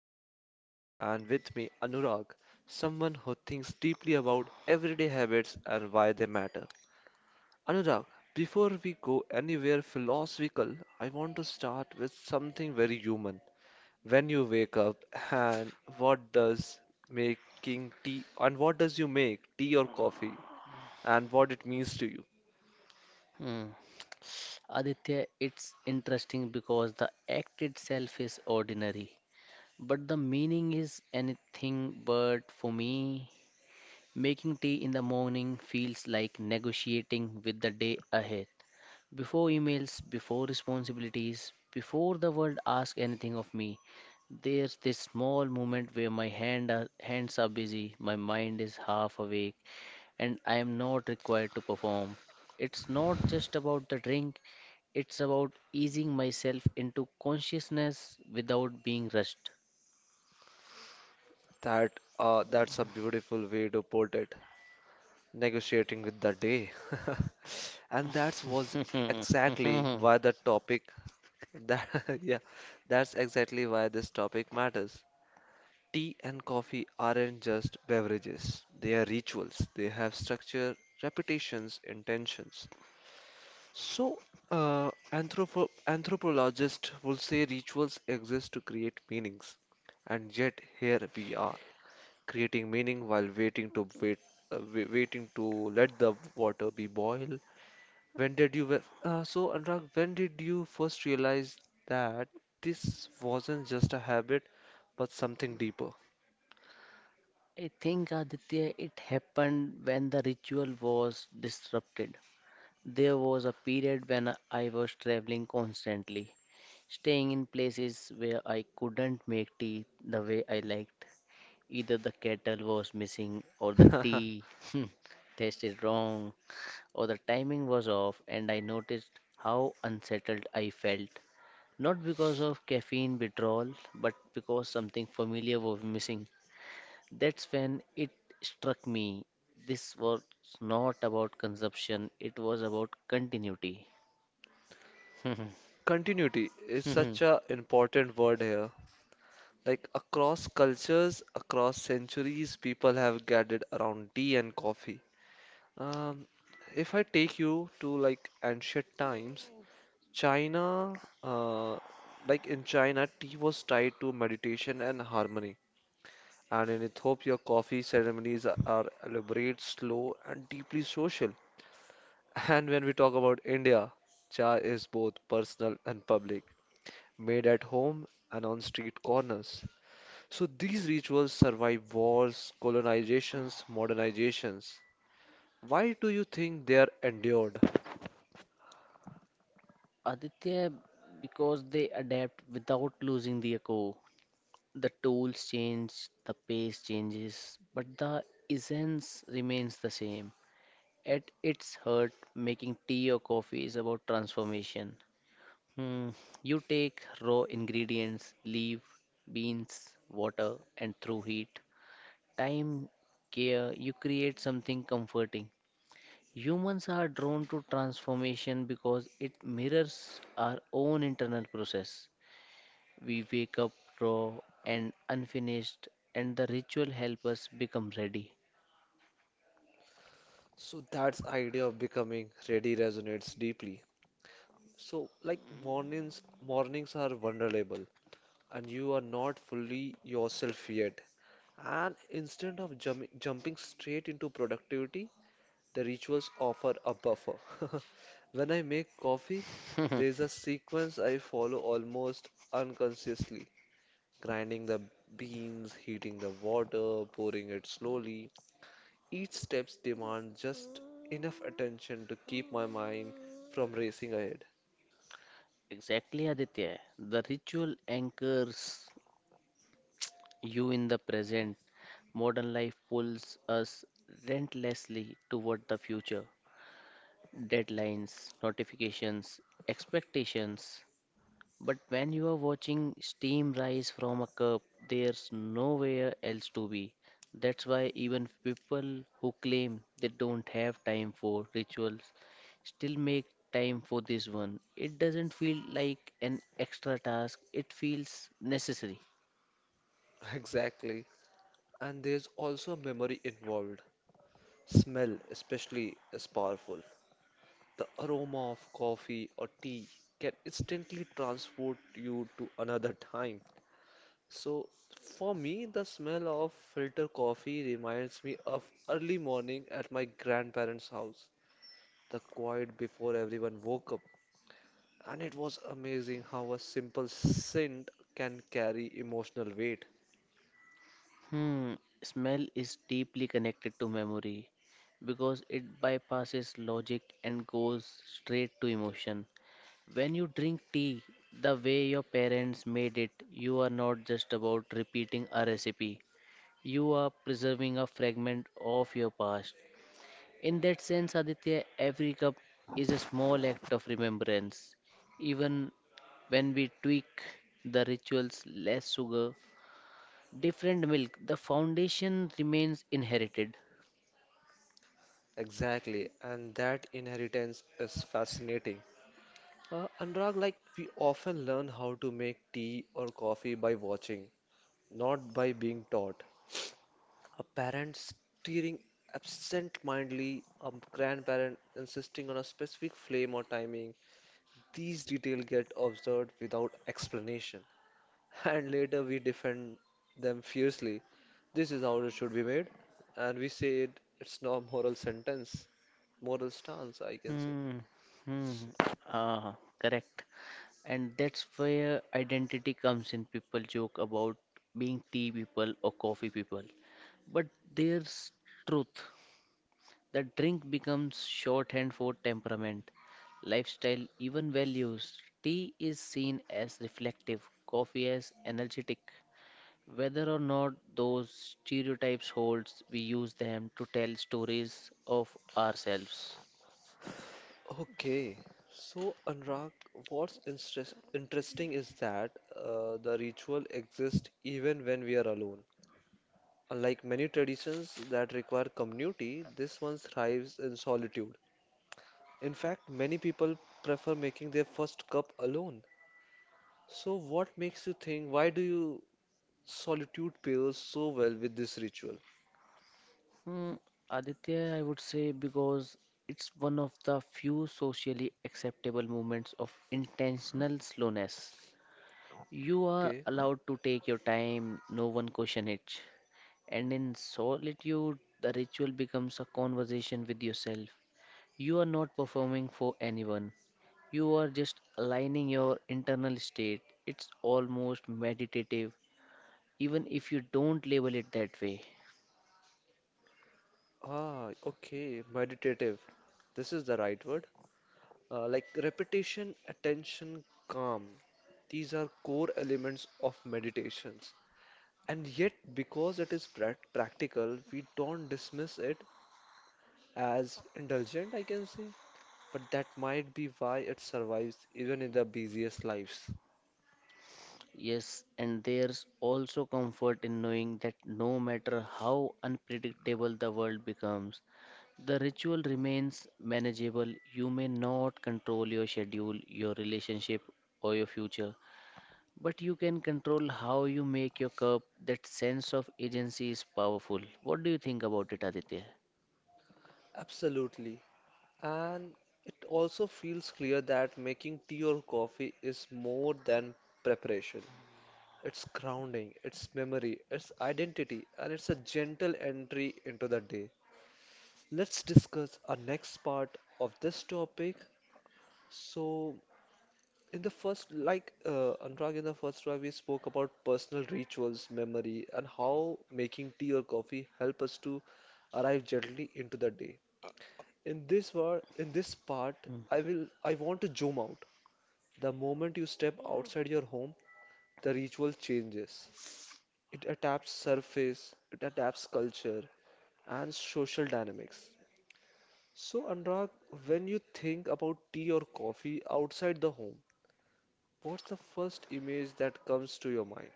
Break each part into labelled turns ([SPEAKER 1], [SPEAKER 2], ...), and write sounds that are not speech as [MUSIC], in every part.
[SPEAKER 1] I'm Aditya and with me Anurag, someone who thinks deeply about everyday habits and why they matter. Anurag, before we go anywhere philosophical, I want to start with something very human. When you wake up, and what does making tea, and what does you make tea or coffee, and what it means to you?
[SPEAKER 2] Hmm. Aditya, it's interesting because the act itself is ordinary, but the meaning is anything but for me. Making tea in the morning feels like negotiating with the day ahead. Before emails, before responsibilities, before the world asks anything of me, there's this small moment where hands are busy, my mind is half awake, and I am not required to perform. It's not just about the drink, it's about easing myself into consciousness without being rushed.
[SPEAKER 1] That's a beautiful way to put it. Negotiating with the day, [LAUGHS] and that was
[SPEAKER 2] [LAUGHS]
[SPEAKER 1] exactly
[SPEAKER 2] I
[SPEAKER 1] why the topic that [LAUGHS] yeah, that's exactly why this topic matters. Tea and coffee aren't just beverages, they are rituals. They have structure, reputations, intentions. So, anthropologists will say rituals exist to create meanings, and yet here we are, creating meaning while waiting to wait, waiting to let the water be boiled. When did you, wa- so Anurag, when did you first realize that this wasn't just a habit, but something deeper?
[SPEAKER 2] think, Aditya, it happened when the ritual was disrupted. There was a period when I was traveling constantly, staying in places where I couldn't make tea the way I liked. Either the kettle was missing or the
[SPEAKER 1] [LAUGHS]
[SPEAKER 2] tea [LAUGHS] taste is wrong. Or the timing was off, and I noticed how unsettled I felt. Not because of caffeine withdrawal, but because something familiar was missing. That's when it struck me. This was not about consumption, it was about continuity. [LAUGHS]
[SPEAKER 1] Continuity is such a important word here. Like across cultures, across centuries, people have gathered around tea and coffee. Um, if I take you to like ancient times, China, like in China, tea was tied to meditation and harmony. And in Ethiopia, coffee ceremonies are elaborate, slow, and deeply social. [LAUGHS] And when we talk about India, cha is both personal and public. Made at home and on street corners. So these rituals survive wars, colonizations, modernizations. Why do you think they are endured?
[SPEAKER 2] Aditya, because they adapt without losing their core. The tools change, the pace changes, but the essence remains the same. At its heart, making tea or coffee is about transformation. Hmm. You take raw ingredients, leaf, beans, water, and through heat, time, care, you create something comforting. Humans are drawn to transformation because it mirrors our own internal process. We wake up raw and unfinished, and the ritual helps us become ready.
[SPEAKER 1] So that's idea of becoming ready resonates deeply. So like mornings are vulnerable and you are not fully yourself yet. And instead of jumping straight into productivity, the rituals offer a buffer. [LAUGHS] When I make coffee, there's a sequence I follow almost unconsciously. Grinding the beans, heating the water, pouring it slowly. Each step demands just enough attention to keep my mind from racing ahead.
[SPEAKER 2] Exactly, Aditya. The ritual anchors you in the present. Modern life pulls us relentlessly toward the future. Deadlines, notifications, expectations. But when you are watching steam rise from a cup, there's nowhere else to be. That's why even people who claim they don't have time for rituals still make time for this one. It doesn't feel like an extra task, it feels necessary.
[SPEAKER 1] [LAUGHS] Exactly. And there's also memory involved. Smell, especially, is powerful. The aroma of coffee or tea can instantly transport you to another time. So for me, the smell of filter coffee reminds me of early morning at my grandparents' house, the quiet before everyone woke up. And it was amazing how a simple scent can carry emotional weight.
[SPEAKER 2] Hmm, smell is deeply connected to memory because it bypasses logic and goes straight to emotion. When you drink tea, the way your parents made it, you are not just about repeating a recipe, you are preserving a fragment of your past. In that sense, Aditya, every cup is a small act of remembrance. Even when we tweak the rituals, less sugar, different milk. The foundation remains inherited.
[SPEAKER 1] Exactly, and that inheritance is fascinating. Anurag, like we often learn how to make tea or coffee by watching, not by being taught. A parent steering absent-mindedly, a grandparent insisting on a specific flame or timing. These details get observed without explanation, and later we defend them fiercely. This is how it should be made, and we say it, it's not moral sentence, moral stance, I can say.
[SPEAKER 2] Hmm. Hmm. Ah, correct. And that's where identity comes in. People joke about being tea people or coffee people. But there's truth. The drink becomes shorthand for temperament, lifestyle, even values. Tea is seen as reflective, coffee as energetic. Whether or not those stereotypes holds, we use them to tell stories of ourselves.
[SPEAKER 1] Okay, so Anurag, what's interesting is that the ritual exists even when we are alone. Like many traditions that require community, this one thrives in solitude. In fact, many people prefer making their first cup alone. So, what makes you think? Why do you solitude pairs so well with this ritual?
[SPEAKER 2] Hmm, Aditya, I would say because it's one of the few socially acceptable moments of intentional slowness. You are
[SPEAKER 1] Okay.
[SPEAKER 2] allowed to take your time, no one question it. And in solitude, the ritual becomes a conversation with yourself. You are not performing for anyone. You are just aligning your internal state. It's almost meditative, even if you don't label it that way.
[SPEAKER 1] Ah, okay. Meditative. This is the right word. Like repetition, attention, calm. These are core elements of meditations. And yet, because it is practical, we don't dismiss it as indulgent, I can say, but that might be why it survives even in the busiest lives.
[SPEAKER 2] Yes, and there's also comfort in knowing that no matter how unpredictable the world becomes, the ritual remains manageable. You may not control your schedule, your relationship, or your future, but you can control how you make your cup. That sense of agency is powerful. What do you think about it, Aditya?
[SPEAKER 1] Absolutely. And it also feels clear that making tea or coffee is more than preparation. It's grounding, it's memory, it's identity, and it's a gentle entry into the day. Let's discuss our next part of this topic. So, in the first, Anurag, in the first round, we spoke about personal rituals, memory, and how making tea or coffee help us to arrive gently into the day. In this war, in this part,
[SPEAKER 2] Hmm.
[SPEAKER 1] I will, I want to zoom out. The moment you step outside your home, the ritual changes. It adapts surface, it adapts culture, and social dynamics. So, Anurag, when you think about tea or coffee outside the home, what's the first image that comes to your mind?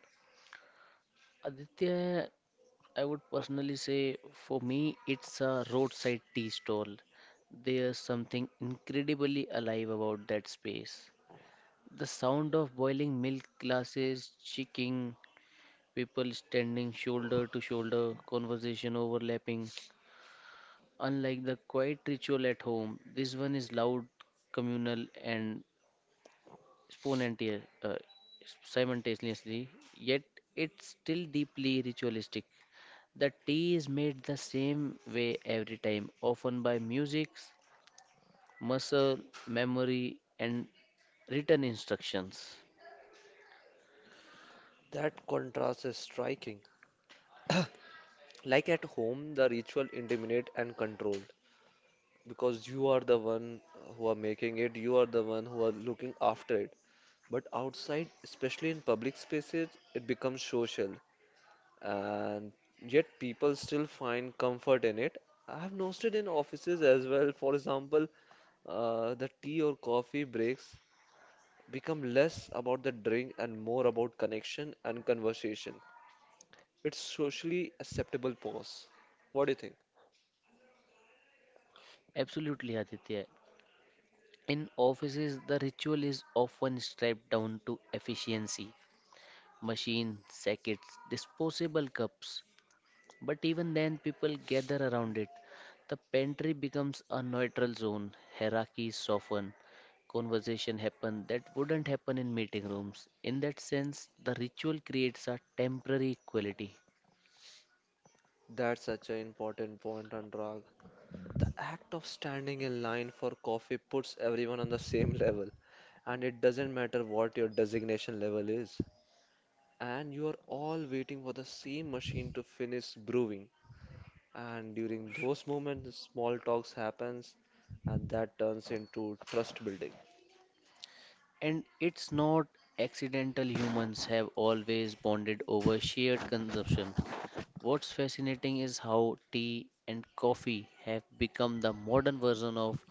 [SPEAKER 2] Aditya, I would personally say for me, it's a roadside tea stall. There's something incredibly alive about that space. The sound of boiling milk glasses, chicken, people standing shoulder to shoulder, conversation overlapping. Unlike the quiet ritual at home, this one is loud, communal, and spontaneous, simultaneously, yet it's still deeply ritualistic. The tea is made the same way every time, often by music, muscle, memory, and written instructions.
[SPEAKER 1] That contrast is striking. [COUGHS] [CLEARS THROAT] Like at home, the ritual intimate and controlled because you are the one who are making it, you are the one who are looking after it. But outside, especially in public spaces, it becomes social, and yet people still find comfort in it. I have noticed it in offices as well. For example, the tea or coffee breaks become less about the drink and more about connection and conversation. It's socially acceptable pause. What do you think?
[SPEAKER 2] Absolutely, Aditya. In offices, the ritual is often stripped down to efficiency machine, sackets, disposable cups. But even then, people gather around it. The pantry becomes a neutral zone. Hierarchies soften. Conversation happen that wouldn't happen in meeting rooms. In that sense, the ritual creates a temporary equality.
[SPEAKER 1] That's such an important point, Anurag. The act of standing in line for coffee puts everyone on the same [LAUGHS] level, and it doesn't matter what your designation level is. And you are all waiting for the same machine to finish brewing. And during those moments, small talks happens, and that turns into trust building.
[SPEAKER 2] And it's not accidental humans have always bonded over shared consumption. What's fascinating is how tea and coffee have become the modern version of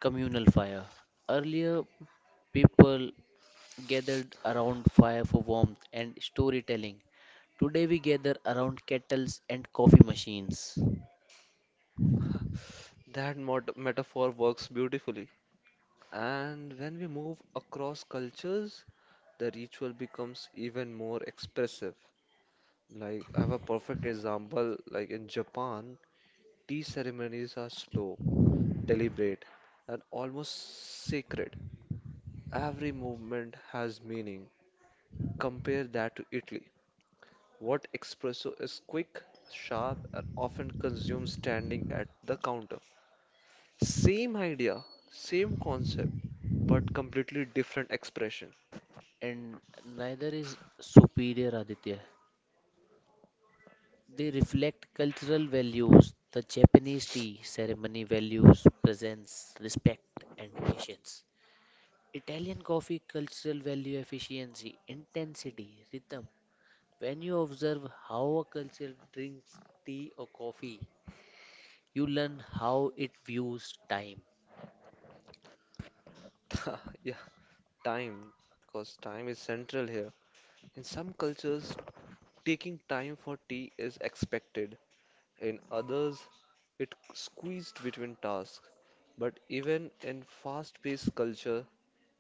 [SPEAKER 2] communal fire. Earlier, people gathered around fire for warmth and storytelling. Today we gather around kettles and coffee machines.
[SPEAKER 1] That metaphor works beautifully. And when we move across cultures, the ritual becomes even more expressive. Like, I have a perfect example. Like in Japan, tea ceremonies are slow, deliberate, and almost sacred. Every movement has meaning. Compare that to Italy. What espresso is quick, sharp, and often consumed standing at the counter. Same idea, same concept, but completely different expression. [LAUGHS]
[SPEAKER 2] And neither is superior, Aditya. They reflect cultural values. The Japanese tea ceremony values presence, respect, and patience. Italian coffee cultural value efficiency, intensity, rhythm. When you observe how a culture drinks tea or coffee, you learn how it views time.
[SPEAKER 1] Yeah, time, because time is central here. In some cultures, taking time for tea is expected. In others, it squeezed between tasks. But even in fast-paced culture,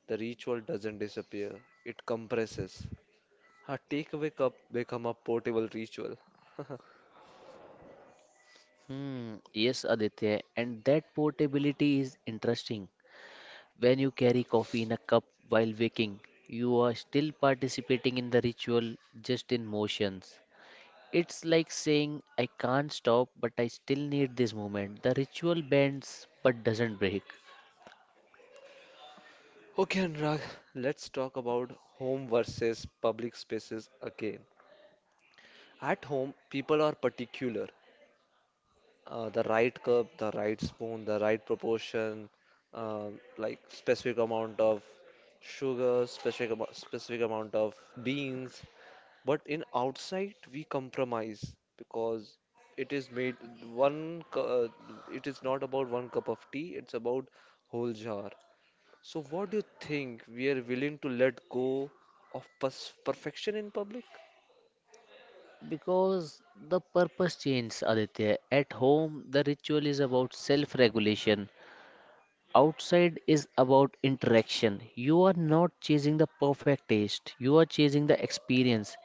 [SPEAKER 1] the ritual doesn't disappear. It compresses. A takeaway cup become a portable ritual. [LAUGHS]
[SPEAKER 2] Hmm, yes, Aditya, and that portability is interesting. When you carry coffee in a cup while waking, you are still participating in the ritual just in motions. It's like saying, I can't stop, but I still need this moment. The ritual bends but doesn't break.
[SPEAKER 1] Okay, Anurag, let's talk about home versus public spaces again. At home, people are particular. The right cup, the right spoon, the right proportion, like specific amount of sugar, specific specific amount of beans. But in outside we compromise because it is made one. cu- Uh, it is not about one cup of tea. It's about whole jar. So what do you think? We are willing to let go of pers perfection in public?
[SPEAKER 2] Because the purpose changes, Aditya. At home, the ritual is about self regulation. Outside is about interaction. You are not chasing the perfect taste, you are chasing the experience,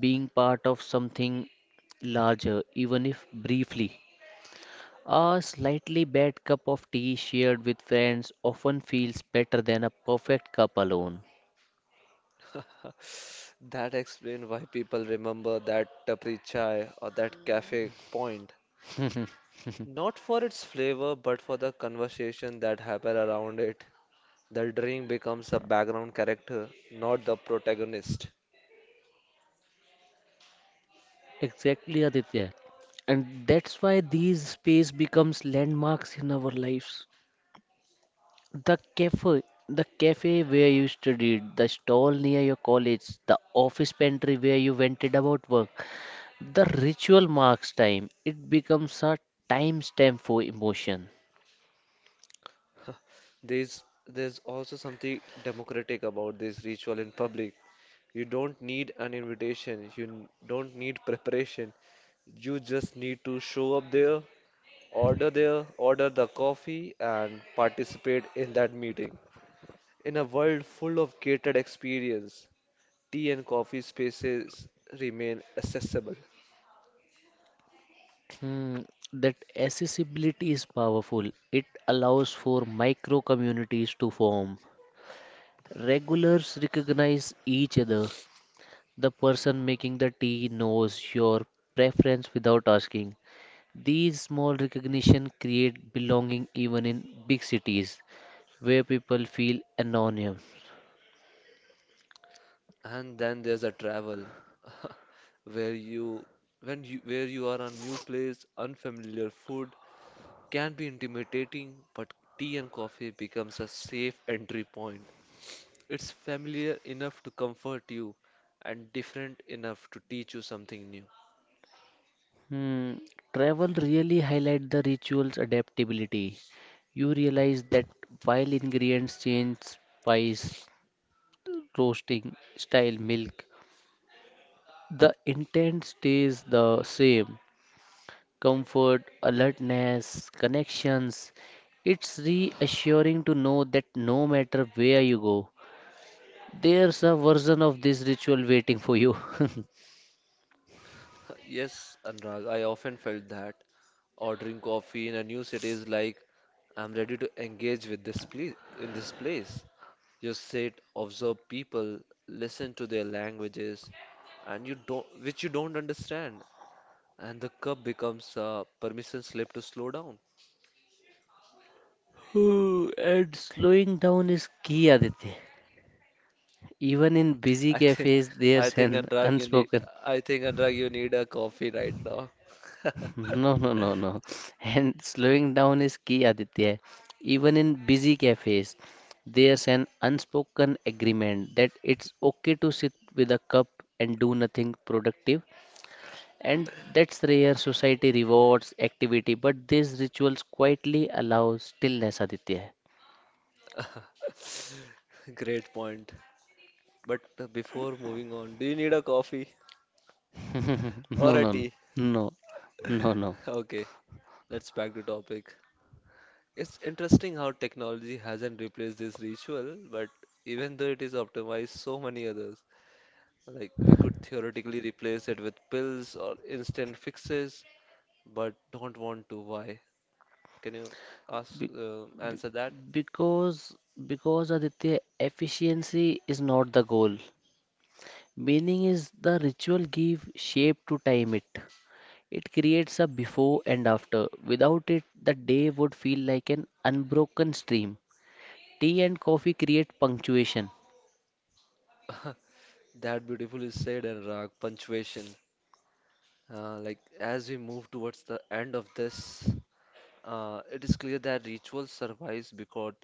[SPEAKER 2] being part of something larger, even if briefly. A slightly bad cup of tea shared with friends often feels better than a perfect cup alone.
[SPEAKER 1] [LAUGHS] That explains why people remember that tapri chai or that cafe point. Not for its flavor, but for the conversation that happened around it. The drink becomes a background character, not the protagonist.
[SPEAKER 2] Exactly, Aditya. And that's why these space becomes landmarks in our lives. The cafe, the cafe where you studied, the stall near your college, the office pantry where you vented about work, the ritual marks time. It becomes a timestamp for emotion.
[SPEAKER 1] [LAUGHS] There's there's also something democratic about this ritual in public. You don't need an invitation, you don't need preparation. You just need to show up there, order there, order the coffee, and participate in that meeting. In a world full of gated experience, tea and coffee spaces remain accessible.
[SPEAKER 2] Hmm, that accessibility is powerful. It allows for micro communities to form. Regulars recognize each other. The person making the tea knows your preference without asking. These small recognition create belonging even in big cities where people feel anonymous.
[SPEAKER 1] And then there's a travel, [LAUGHS] where you, where you are a new place, unfamiliar food can be intimidating, but tea and coffee becomes a safe entry point. It's familiar enough to comfort you, and different enough to teach you something new.
[SPEAKER 2] Hmm, travel really highlight the ritual's adaptability. You realize that while ingredients change, spice, roasting, style, milk, the intent stays the same. Comfort, alertness, connections. It's reassuring to know that no matter where you go, there's a version of this ritual waiting for you. [LAUGHS]
[SPEAKER 1] Yes, Anurag, I often felt that. Ordering coffee in a new city is like I'm ready to engage with this place in this place. You sit, observe people, listen to their languages, and you don't which you don't understand, and the cup becomes a permission slip to slow down.
[SPEAKER 2] Ooh, and slowing down is key, Aditya. Even in
[SPEAKER 1] [LAUGHS]
[SPEAKER 2] busy
[SPEAKER 1] I think
[SPEAKER 2] cafes,
[SPEAKER 1] I
[SPEAKER 2] there's
[SPEAKER 1] think
[SPEAKER 2] an
[SPEAKER 1] Anurag, you need
[SPEAKER 2] unspoken.
[SPEAKER 1] a coffee right now. [LAUGHS]
[SPEAKER 2] [LAUGHS] No, no, no, no. And slowing down is key, Aditya. Even in busy cafes, there's an unspoken agreement that it's okay to sit with a cup and do nothing productive. And that's rare. Society rewards activity, but these rituals quietly allow stillness, Aditya.
[SPEAKER 1] Great point. But before moving on, do you need a coffee
[SPEAKER 2] [LAUGHS]
[SPEAKER 1] or
[SPEAKER 2] No,
[SPEAKER 1] a
[SPEAKER 2] no, no,
[SPEAKER 1] tea?
[SPEAKER 2] no, no, no.
[SPEAKER 1] Okay, let's back to topic. It's interesting how technology hasn't replaced this ritual, but even though it is optimized so many others, like we could theoretically replace it with pills or instant fixes, but don't want to. Why? Can you ask
[SPEAKER 2] Be- be-
[SPEAKER 1] answer that?
[SPEAKER 2] because because Aditya, efficiency is not the goal. Meaning is the ritual give shape to time it. It creates a before and after. Without it, the day would feel like an unbroken stream. Tea and coffee create punctuation.
[SPEAKER 1] [LAUGHS] That beautifully said, and Rag, punctuation. Like as we move towards the end of this, it is clear that ritual survives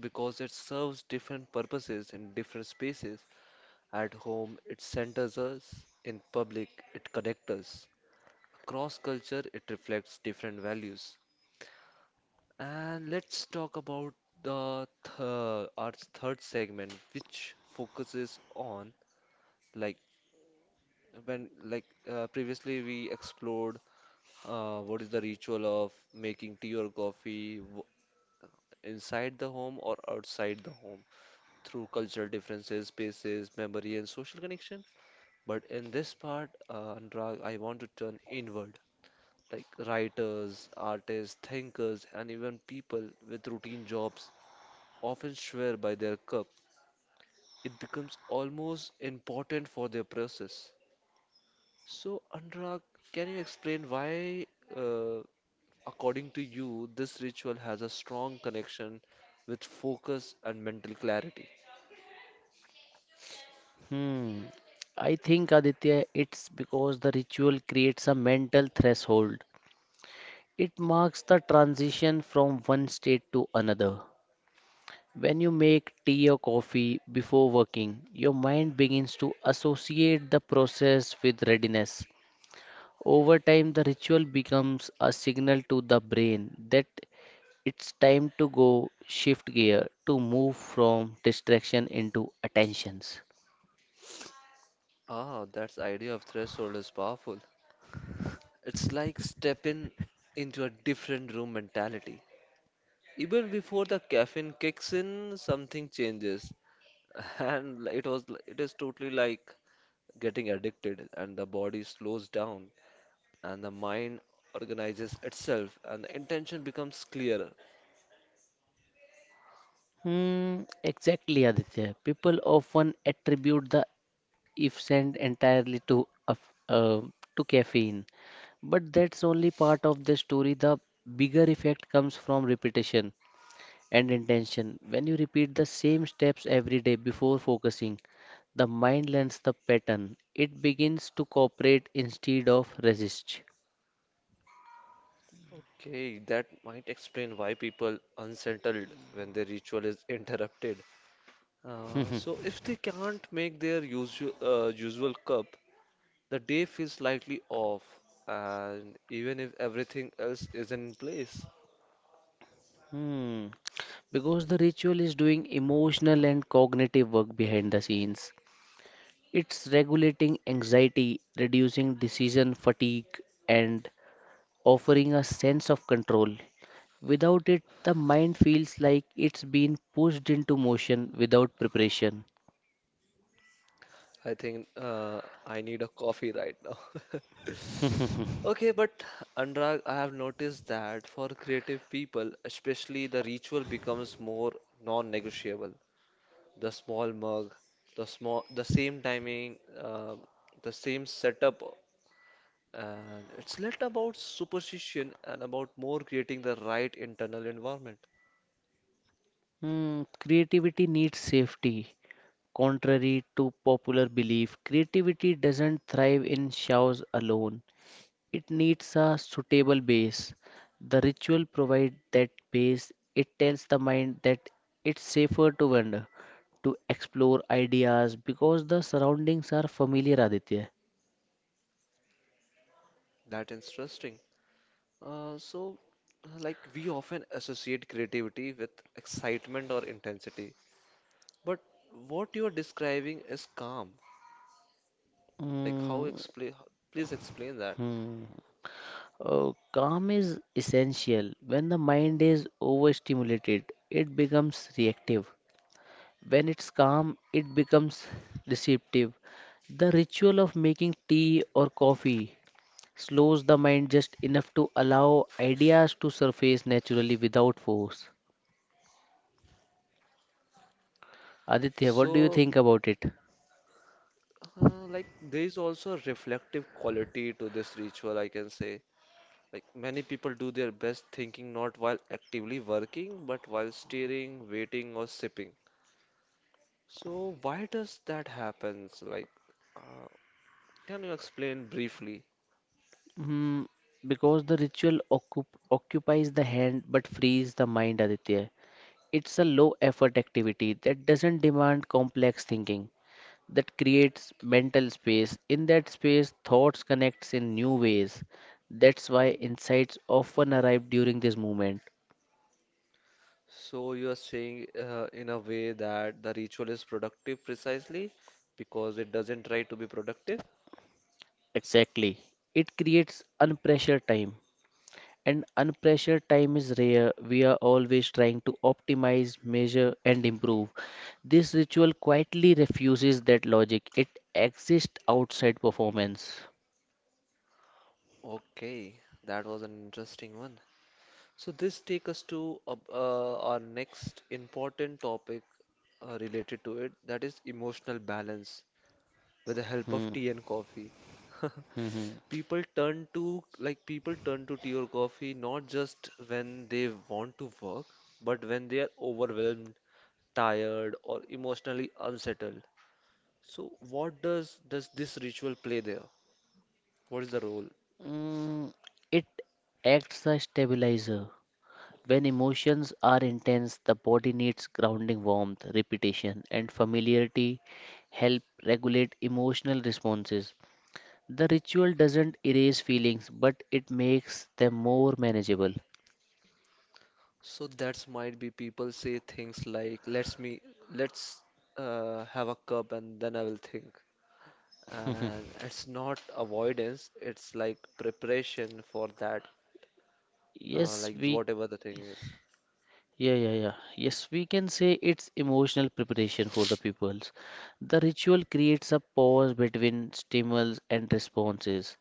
[SPEAKER 1] because it serves different purposes in different spaces. At home, it centers us, in public, it connects us. Across culture, it reflects different values. And let's talk about the th- our third segment, which focuses on like when like previously we explored what is the ritual of making tea or coffee? Inside the home or outside the home through cultural differences, spaces, memory, and social connection. But in this part, Anurag, I want to turn inward. Like writers, artists, thinkers, and even people with routine jobs often swear by their cup. It becomes almost important for their process. So, Anurag, can you explain why, uh, according to you, this ritual has a strong connection with focus and mental clarity?
[SPEAKER 2] Hmm. I think Aditya, it's because the ritual creates a mental threshold. It marks the transition from one state to another. When you make tea or coffee before working, your mind begins to associate the process with readiness. Over time, the ritual becomes a signal to the brain that it's time to go shift gear to move from distraction into attentions.
[SPEAKER 1] Ah, that's idea of threshold is powerful. It's like stepping into a different room mentality. Even before the caffeine kicks in, something changes, [LAUGHS] and it was it is totally like getting addicted, and the body slows down, and the mind organizes itself, and the intention becomes clearer.
[SPEAKER 2] Hmm, exactly, Aditya. People often attribute the if sent entirely to to caffeine. But that's only part of the story. The bigger effect comes from repetition and intention. When you repeat the same steps every day before focusing, the mind learns the pattern. It begins to cooperate instead of resist. [LAUGHS]
[SPEAKER 1] Okay, that might explain why people unsettled when their ritual is [LAUGHS] interrupted. So if they can't make their usual usual cup, the day feels slightly off, and even if everything else is in place,
[SPEAKER 2] Hmm. Because the ritual is doing emotional and cognitive work behind the scenes. It's regulating anxiety, reducing decision fatigue, and offering a sense of control. Without it, the mind feels like it's been pushed into motion without preparation.
[SPEAKER 1] I think I need a coffee right now. [LAUGHS] Okay, but Anurag, I have noticed that for creative people, especially, the ritual becomes more non-negotiable. The small mug, the same timing, the same setup, and it's not about superstition and about more creating the right internal environment.
[SPEAKER 2] Hmm, creativity needs safety. Contrary to popular belief, creativity doesn't thrive in showers alone. It needs a suitable base. The ritual provides that base. It tells the mind that it's safer to wander, to explore ideas because the surroundings are familiar, Aditya.
[SPEAKER 1] That interesting. Uh, so, like we often associate creativity with excitement or intensity, but what you are describing is calm. Like how
[SPEAKER 2] Mm.
[SPEAKER 1] explain? Please explain that.
[SPEAKER 2] Hmm. Calm is essential. When the mind is overstimulated, it becomes reactive. When it's calm, it becomes receptive. The ritual of making tea or coffee slows the mind just enough to allow ideas to surface naturally without force. Aditya, what do you
[SPEAKER 1] So,
[SPEAKER 2] think about it?
[SPEAKER 1] uh, like there is also a reflective quality to this ritual, I can say. Like many people do their best thinking not while actively working, but while steering, waiting, or sipping. So why does that happens? Uh, can you explain briefly?
[SPEAKER 2] Hmm, because the ritual occupies the hand but frees the mind, Aditya. It's a low effort activity that doesn't demand complex thinking, that creates mental space. In that space, thoughts connects in new ways. That's why insights often arrive during this movement.
[SPEAKER 1] So you are saying in a way that the ritual is productive precisely because it doesn't try to be productive?
[SPEAKER 2] Exactly. It creates unpressured time. And unpressured time is rare. We are always trying to optimize, measure, and improve. This ritual quietly refuses that logic. It exists outside performance.
[SPEAKER 1] Okay, that was an interesting one. So this take us to our next important topic related to it, that is emotional balance, with the help
[SPEAKER 2] Hmm.
[SPEAKER 1] of tea and coffee.
[SPEAKER 2] Hmm, hmm.
[SPEAKER 1] [LAUGHS] People turn to, like, people turn to tea or coffee not just when they want to work, but when they are overwhelmed, tired, or emotionally unsettled. So what does this ritual play there? What is the role?
[SPEAKER 2] Mm, it acts as stabilizer. When emotions are intense, the body needs grounding warmth, repetition, and familiarity help regulate emotional responses. The ritual doesn't erase feelings, but it makes them more manageable.
[SPEAKER 1] So that's might be people say things like let's me let's have a cup and then I will think. And it's not avoidance, it's like preparation for that,
[SPEAKER 2] Yes,
[SPEAKER 1] like
[SPEAKER 2] we
[SPEAKER 1] whatever the thing is.
[SPEAKER 2] Yeah, yeah, yeah. Yes, we can say it's emotional preparation for the peoples. The ritual creates a pause between stimulus and responses,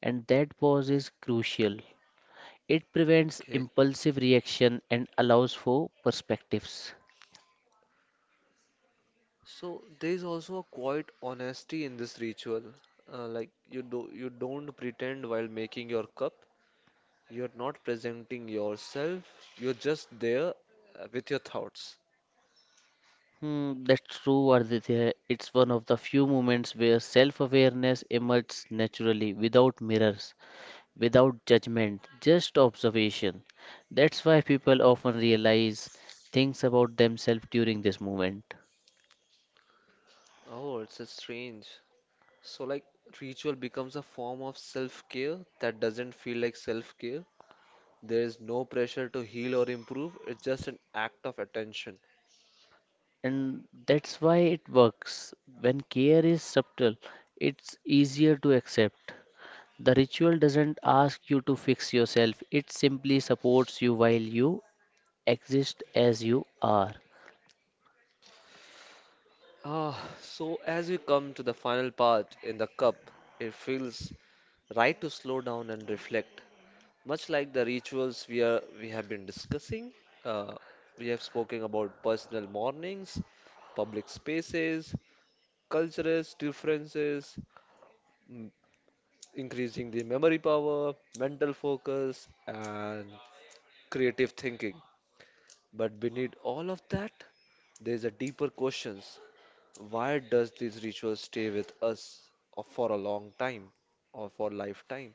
[SPEAKER 2] and that pause is crucial. It prevents
[SPEAKER 1] Okay.
[SPEAKER 2] impulsive reaction and allows for perspectives.
[SPEAKER 1] So there is also a quiet honesty in this ritual. Like you do, you don't pretend while making your cup. You're not presenting yourself. You're just there, with your thoughts.
[SPEAKER 2] Hmm, that's true, Aditya. It's one of the few moments where self awareness emerges naturally without mirrors, without judgment, just observation. That's why people often realize things about themselves during this moment.
[SPEAKER 1] Oh, it's a strange. So like ritual becomes a form of self-care that doesn't feel like self-care. There is no pressure to heal or improve. It's just an act of attention.
[SPEAKER 2] And that's why it works. When care is subtle, it's easier to accept. The ritual doesn't ask you to fix yourself, it simply supports you while you exist as you are.
[SPEAKER 1] Ah, so as we come to the final part in the cup, it feels right to slow down and reflect. Much like the rituals we have been discussing, uh, we have spoken about personal mornings, public spaces, cultural differences, m- increasing the memory power, mental focus, and creative thinking. But beneath all of that, there's a deeper questions. Why does these rituals stay with us, or for a long time, or for lifetime?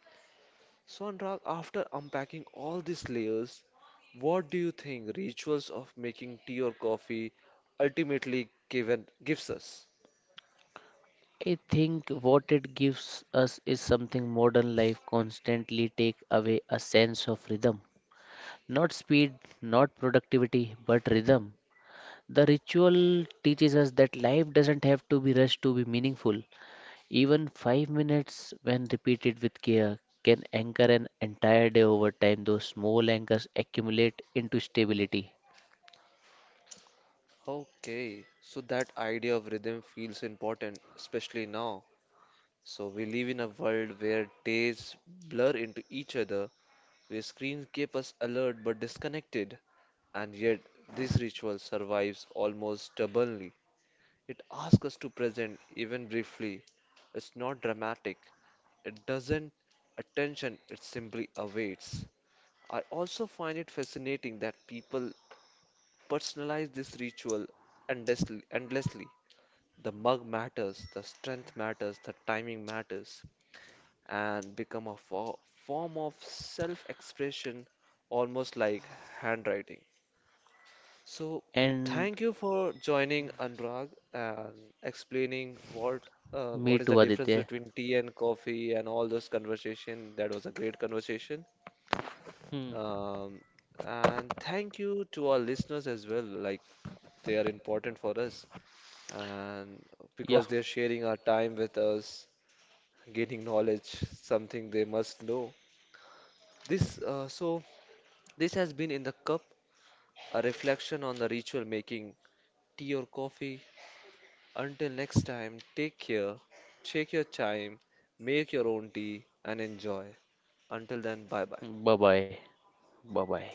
[SPEAKER 1] So, Anurag, after unpacking all these layers, what do you think rituals of making tea or coffee ultimately given gives us?
[SPEAKER 2] I think what it gives us is something modern life constantly take away a sense of rhythm. Not speed, not productivity, but rhythm. The ritual teaches us that life doesn't have to be rushed to be meaningful. Even 5 minutes, when repeated with care, can anchor an entire day over time. Those small anchors accumulate into stability.
[SPEAKER 1] Okay, so that idea of rhythm feels important, especially now. So we live in a world where days blur into each other, where screens keep us alert but disconnected, and yet this ritual survives almost stubbornly. It asks us to present even briefly. It's not dramatic. It doesn't attention, it simply awaits. I also find it fascinating that people personalize this ritual endlessly. The mug matters, the strength matters, the timing matters, and become a form of self expression, almost like handwriting. So,
[SPEAKER 2] And
[SPEAKER 1] thank you for joining, Anurag, and explaining what,
[SPEAKER 2] me
[SPEAKER 1] what is the
[SPEAKER 2] too,
[SPEAKER 1] difference
[SPEAKER 2] Aditya.
[SPEAKER 1] between tea and coffee and all those conversation. That was a great conversation.
[SPEAKER 2] Hmm.
[SPEAKER 1] Um, and thank you to our listeners as well. Like, they are important for us, and
[SPEAKER 2] Yeah.
[SPEAKER 1] because they're sharing our time with us, gaining knowledge, something they must know. This uh, so this has been in the cup, a reflection on the ritual making tea or coffee. Until next time, take care, check your time, make your own tea, and enjoy. Until then, bye bye.
[SPEAKER 2] Bye bye. Bye bye.